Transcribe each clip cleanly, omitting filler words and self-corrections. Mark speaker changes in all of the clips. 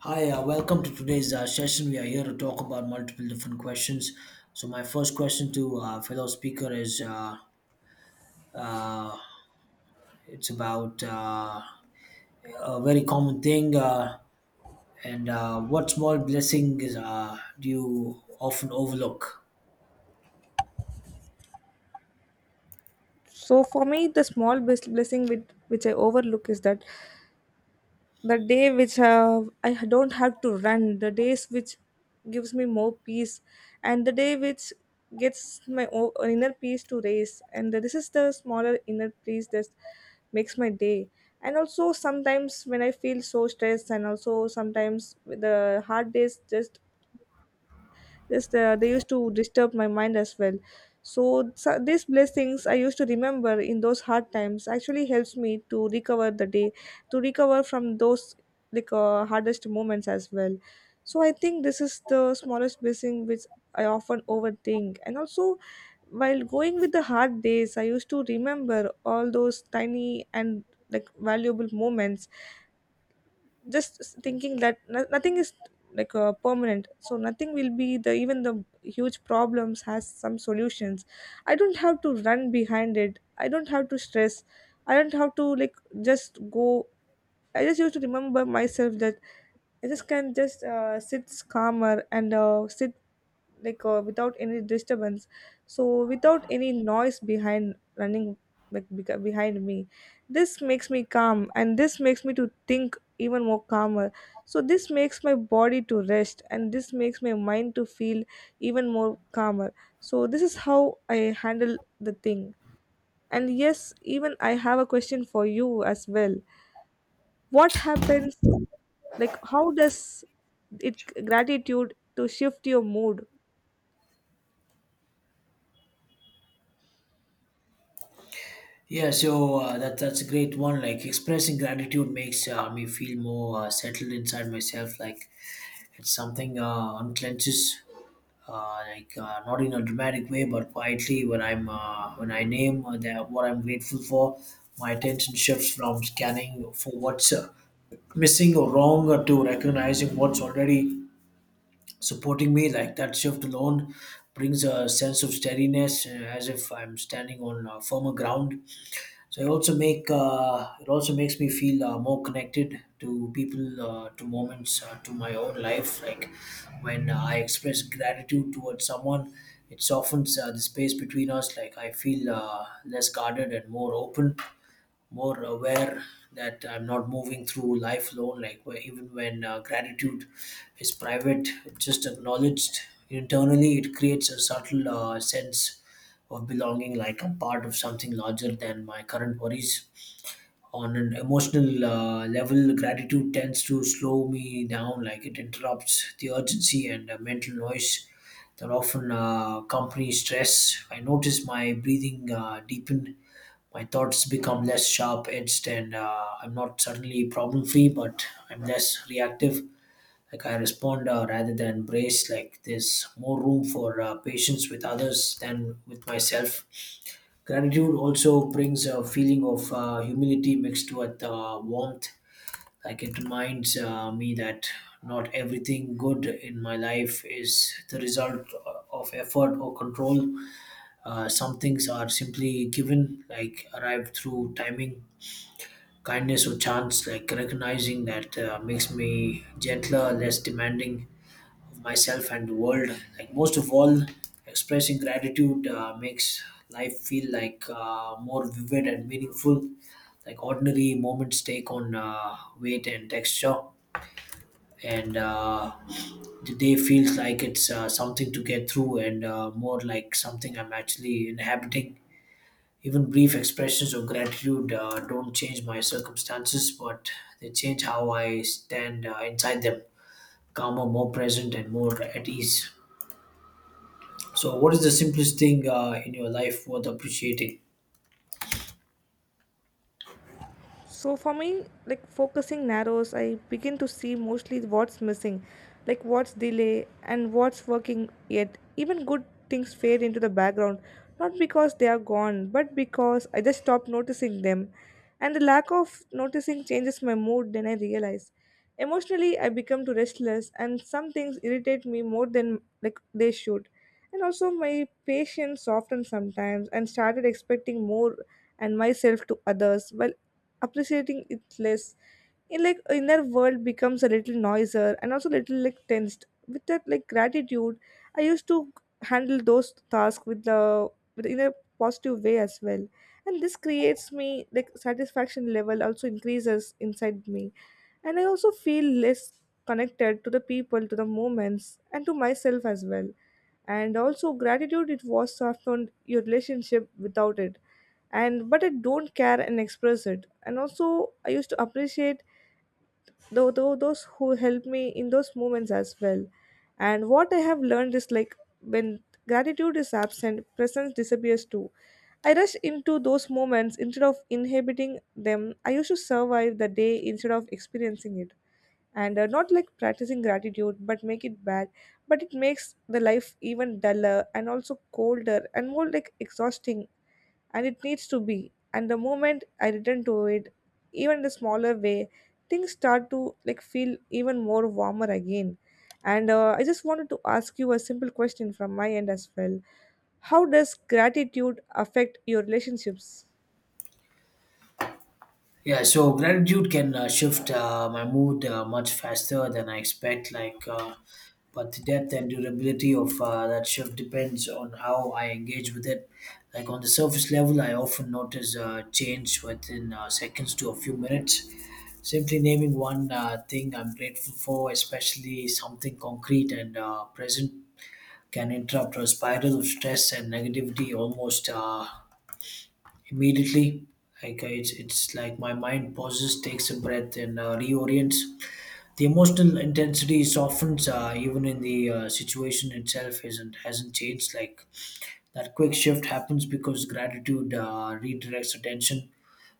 Speaker 1: Hi, welcome to today's session. We are here to talk about multiple different questions. So, my first question to fellow speaker is uh, it's about a very common thing, and what small blessings do you often overlook?
Speaker 2: So for me, the small blessing with which I overlook is that the day which I don't have to run, the days which gives me more peace, and the day which gets my inner peace to raise, and this is the smaller inner peace that makes my day. And also sometimes when I feel so stressed, and also sometimes with the hard days just yes, they used to disturb my mind as well. So these blessings I used to remember in those hard times actually helps me to recover the day, to recover from those like hardest moments as well. So I think this is the smallest blessing which I often overthink. And also, while going with the hard days, I used to remember all those tiny and like valuable moments just thinking that nothing is like permanent, so nothing will be the even the huge problems has some solutions. I don't have to run behind it, I don't have to stress, I don't have to like just go. I just used to remember myself that I just can just sit calmer and sit like without any disturbance, so without any noise behind running like behind me. This makes me calm and this makes me to think even more calmer, so this makes my body to rest and this makes my mind to feel even more calmer. So this is how I handle the thing. And yes, even I have a question for you as well. What happens, like how does it gratitude to shift your mood?
Speaker 1: Yeah, so that's a great one. Like expressing gratitude makes me feel more settled inside myself. Like it's something unclenches not in a dramatic way, but quietly. When I name what I'm grateful for, my attention shifts from scanning for what's missing or wrong to recognizing what's already supporting me. Like that shift alone brings a sense of steadiness, as if I'm standing on firmer ground. So it also make it also makes me feel more connected to people, to moments, to my own life. Like when I express gratitude towards someone, it softens the space between us. Like I feel less guarded and more open, more aware that I'm not moving through life alone. Like where even when gratitude is private, it's just acknowledged internally. It creates a subtle sense of belonging, like I'm part of something larger than my current worries. On an emotional level, gratitude tends to slow me down. Like it interrupts the urgency and mental noise that often accompany stress. I notice my breathing deepen, my thoughts become less sharp edged and I'm not suddenly problem free, but I'm less reactive. Like I respond rather than embrace, like there's more room for patience with others than with myself. Gratitude also brings a feeling of humility mixed with warmth. Like it reminds me that not everything good in my life is the result of effort or control. Some things are simply given, like arrive through timing, kindness or chance. Like recognizing that makes me gentler, less demanding of myself and the world. Like most of all, expressing gratitude makes life feel like more vivid and meaningful. Like ordinary moments take on weight and texture, and the day feels like it's something to get through and more like something I'm actually inhabiting. Even brief expressions of gratitude don't change my circumstances, but they change how I stand inside them, calmer, more present, and more at ease. So, what is the simplest thing in your life worth appreciating?
Speaker 2: So for me, like focusing narrows, I begin to see mostly what's missing, like what's delay and what's working yet. Even good things fade into the background, not because they are gone, but because I just stopped noticing them. And the lack of noticing changes my mood, then I realize. Emotionally I become too restless and some things irritate me more than like they should. And also my patience softened sometimes and started expecting more and myself to others while appreciating it less. In like inner world becomes a little noisier and also little like tensed with that like gratitude I used to handle those tasks with the with in a positive way as well. And this creates me like satisfaction level also increases inside me, and I also feel less connected to the people, to the moments, and to myself as well. And also gratitude it was softened your relationship without it, and but I don't care and express it, and also I used to appreciate though those who help me in those moments as well. And what I have learned is like when gratitude is absent, presence disappears too. I rush into those moments instead of inhabiting them. I used to survive the day instead of experiencing it. And not like practicing gratitude, but make it bad. But it makes the life even duller and also colder and more like exhausting, and it needs to be. And the moment I return to it, even in a smaller way, things start to like feel even more warmer again. And I just wanted to ask you a simple question from my end as well. How does gratitude affect your relationships?
Speaker 1: Yeah, so gratitude can shift my mood much faster than I expect. But the depth and durability of that shift depends on how I engage with it. Like on the surface level, I often notice change within seconds to a few minutes. Simply naming one thing I'm grateful for, especially something concrete and present, can interrupt a spiral of stress and negativity almost immediately. Like it's like my mind pauses, takes a breath, and reorients. The emotional intensity softens, even in the situation itself isn't hasn't changed. Like that quick shift happens because gratitude redirects attention.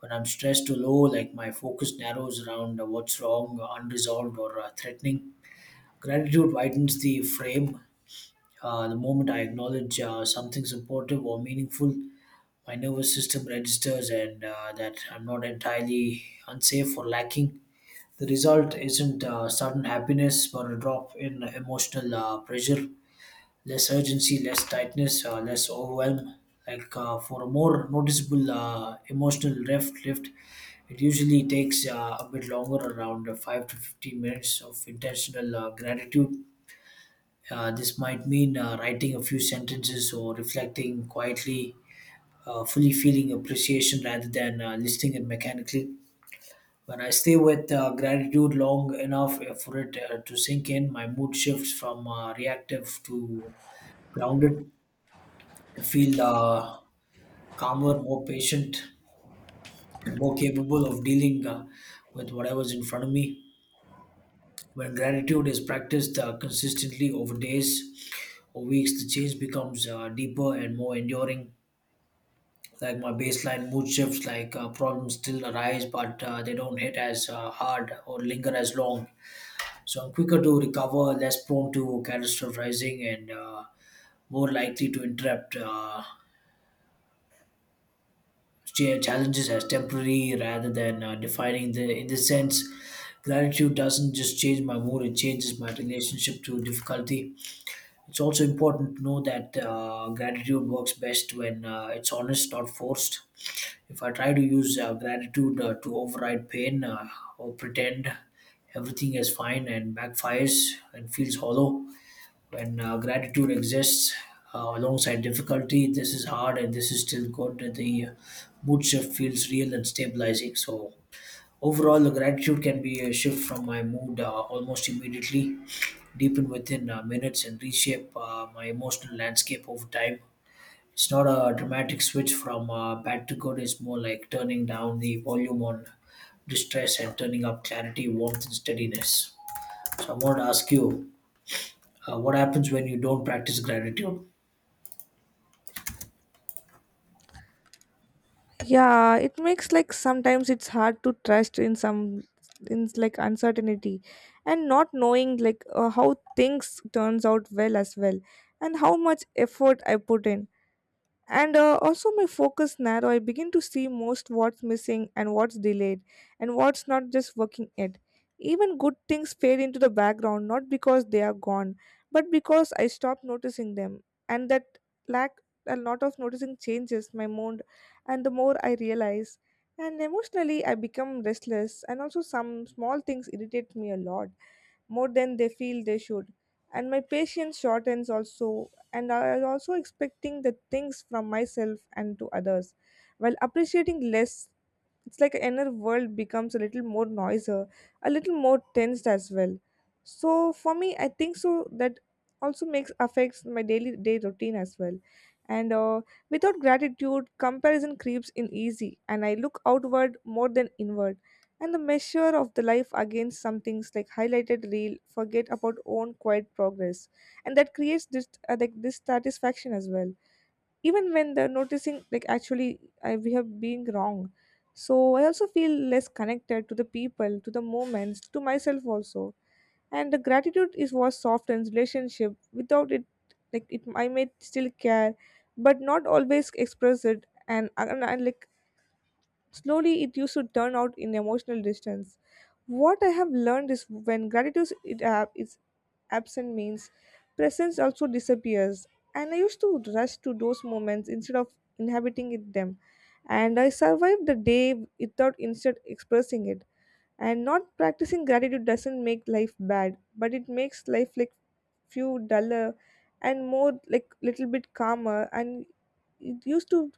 Speaker 1: When I'm stressed or low, like my focus narrows around what's wrong, unresolved, or threatening. Gratitude widens the frame. The moment I acknowledge something supportive or meaningful, my nervous system registers and that I'm not entirely unsafe or lacking. The result isn't sudden happiness, but a drop in emotional pressure, less urgency, less tightness, less overwhelm. For a more noticeable lift, it usually takes a bit longer, around 5 to 15 minutes of intentional gratitude. This might mean writing a few sentences or reflecting quietly, fully feeling appreciation rather than listing it mechanically. When I stay with gratitude long enough for it to sink in, my mood shifts from reactive to grounded. I feel calmer, more patient, more capable of dealing with whatever's in front of me. When gratitude is practiced consistently over days or weeks, the change becomes deeper and more enduring. Like my baseline mood shifts, like problems still arise but they don't hit as hard or linger as long, so I'm quicker to recover, less prone to catastrophizing and more likely to interrupt challenges as temporary rather than defining the, in this sense gratitude doesn't just change my mood, it changes my relationship to difficulty. It's also important to know that gratitude works best when it's honest, not forced. If I try to use gratitude to override pain or pretend everything is fine, and backfires and feels hollow, when gratitude exists alongside difficulty, this is hard and this is still good. The mood shift feels real and stabilizing. So, overall, the gratitude can be a shift from my mood almost immediately, deepen within minutes and reshape my emotional landscape over time. It's not a dramatic switch from bad to good, it's more like turning down the volume on distress and turning up clarity, warmth, and steadiness. So, I want to ask you what happens when you don't practice gratitude?
Speaker 2: Yeah, it makes like sometimes it's hard to trust in some in like uncertainty, and not knowing like how things turns out well as well, and how much effort I put in. And also my focus narrow, I begin to see most what's missing and what's delayed and what's not just working yet. Even good things fade into the background, not because they are gone, but because I stop noticing them. And that lack, a lot of noticing changes my mood, and the more I realize. And emotionally I become restless and also some small things irritate me a lot more than they feel they should. And my patience shortens also, and I am also expecting the things from myself and to others, while appreciating less. It's like the inner world becomes a little more noisier, a little more tensed as well. So for me, I think so that also makes affects my daily day routine as well. And without gratitude, comparison creeps in easy, and I look outward more than inward. And the measure of the life against some things like highlighted real, forget about own quiet progress, and that creates this like dissatisfaction as well, even when they're noticing like actually I, we have been wrong. So I also feel less connected to the people, to the moments, to myself also. And the gratitude is what softens relationship without it. Like it, I may still care but not always express it, and like slowly it used to turn out in emotional distance. What I have learned is when gratitude is absent means presence also disappears. And I used to rush to those moments instead of inhabiting it them, and I survived the day without instead expressing it. And not practicing gratitude doesn't make life bad, but it makes life like few duller and more like little bit calmer, and it used to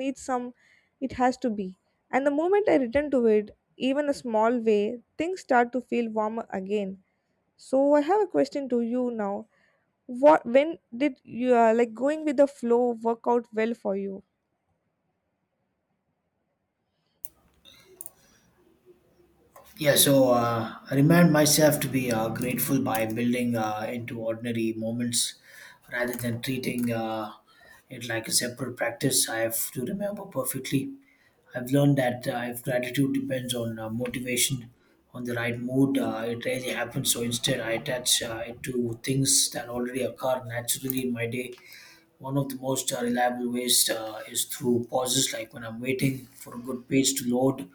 Speaker 2: need some, it has to be. And the moment I return to it, even a small way, things start to feel warmer again. So I have a question to you now. What when did you like going with the flow work out well for you?
Speaker 1: Yeah, so I remind myself to be grateful by building into ordinary moments rather than treating it like a separate practice I have to remember perfectly. I've learned that if gratitude depends on motivation, on the right mood, it rarely happens. So instead, I attach it to things that already occur naturally in my day. One of the most reliable ways is through pauses, like when I'm waiting for a good page to load,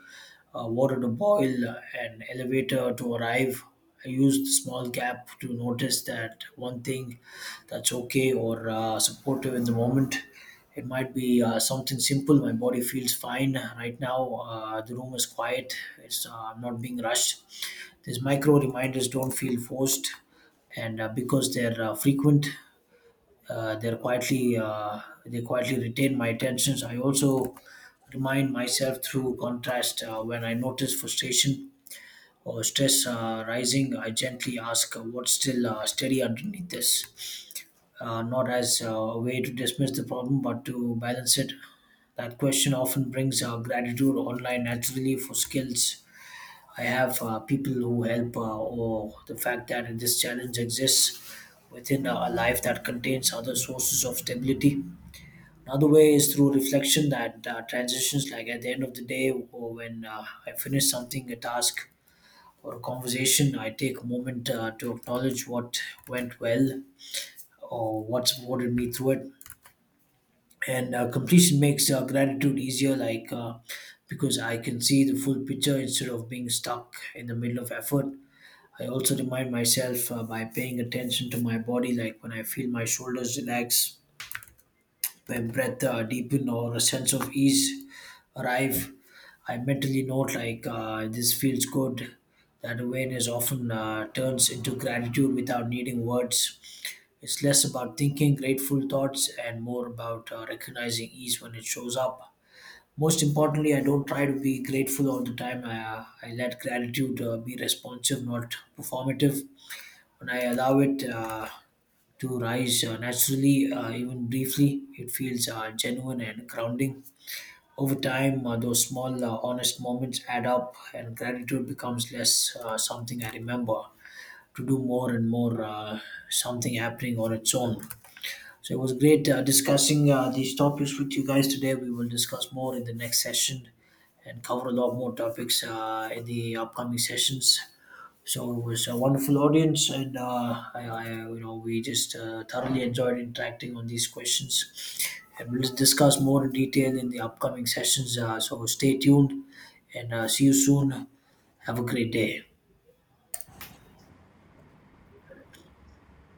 Speaker 1: water to boil, an elevator to arrive. I used small gap to notice that one thing that's okay or supportive in the moment. It might be something simple. My body feels fine right now. The room is quiet. It's I'm not being rushed. These micro reminders don't feel forced, and because they're frequent, uh, they're quietly uh, they quietly retain my attentions. I also remind myself through contrast when I notice frustration or stress rising. I gently ask, "What's still steady underneath this?" Not as a way to dismiss the problem, but to balance it. That question often brings gratitude online naturally for skills. I have people who help, or the fact that this challenge exists within a life that contains other sources of stability. Another way is through reflection that transitions, like at the end of the day, or when I finish something, a task or a conversation, I take a moment to acknowledge what went well or what supported me through it. And Completion makes gratitude easier, because I can see the full picture instead of being stuck in the middle of effort. I also remind myself by paying attention to my body, like when I feel my shoulders relax, when breath deepen or a sense of ease arrive, I mentally note, this feels good. That awareness often turns into gratitude without needing words. It's less about thinking grateful thoughts and more about recognizing ease when it shows up. Most importantly, I don't try to be grateful all the time. I let gratitude be responsive, not performative. When I allow it, to rise naturally, even briefly. It feels genuine and grounding. Over time, those small, honest moments add up, and gratitude becomes less something I remember to do more and more something happening on its own. So it was great discussing these topics with you guys today. We will discuss more in the next session and cover a lot more topics in the upcoming sessions. So it was a wonderful audience, and we just thoroughly enjoyed interacting on these questions, and we'll discuss more in detail in the upcoming sessions. So stay tuned, and see you soon. Have a great day.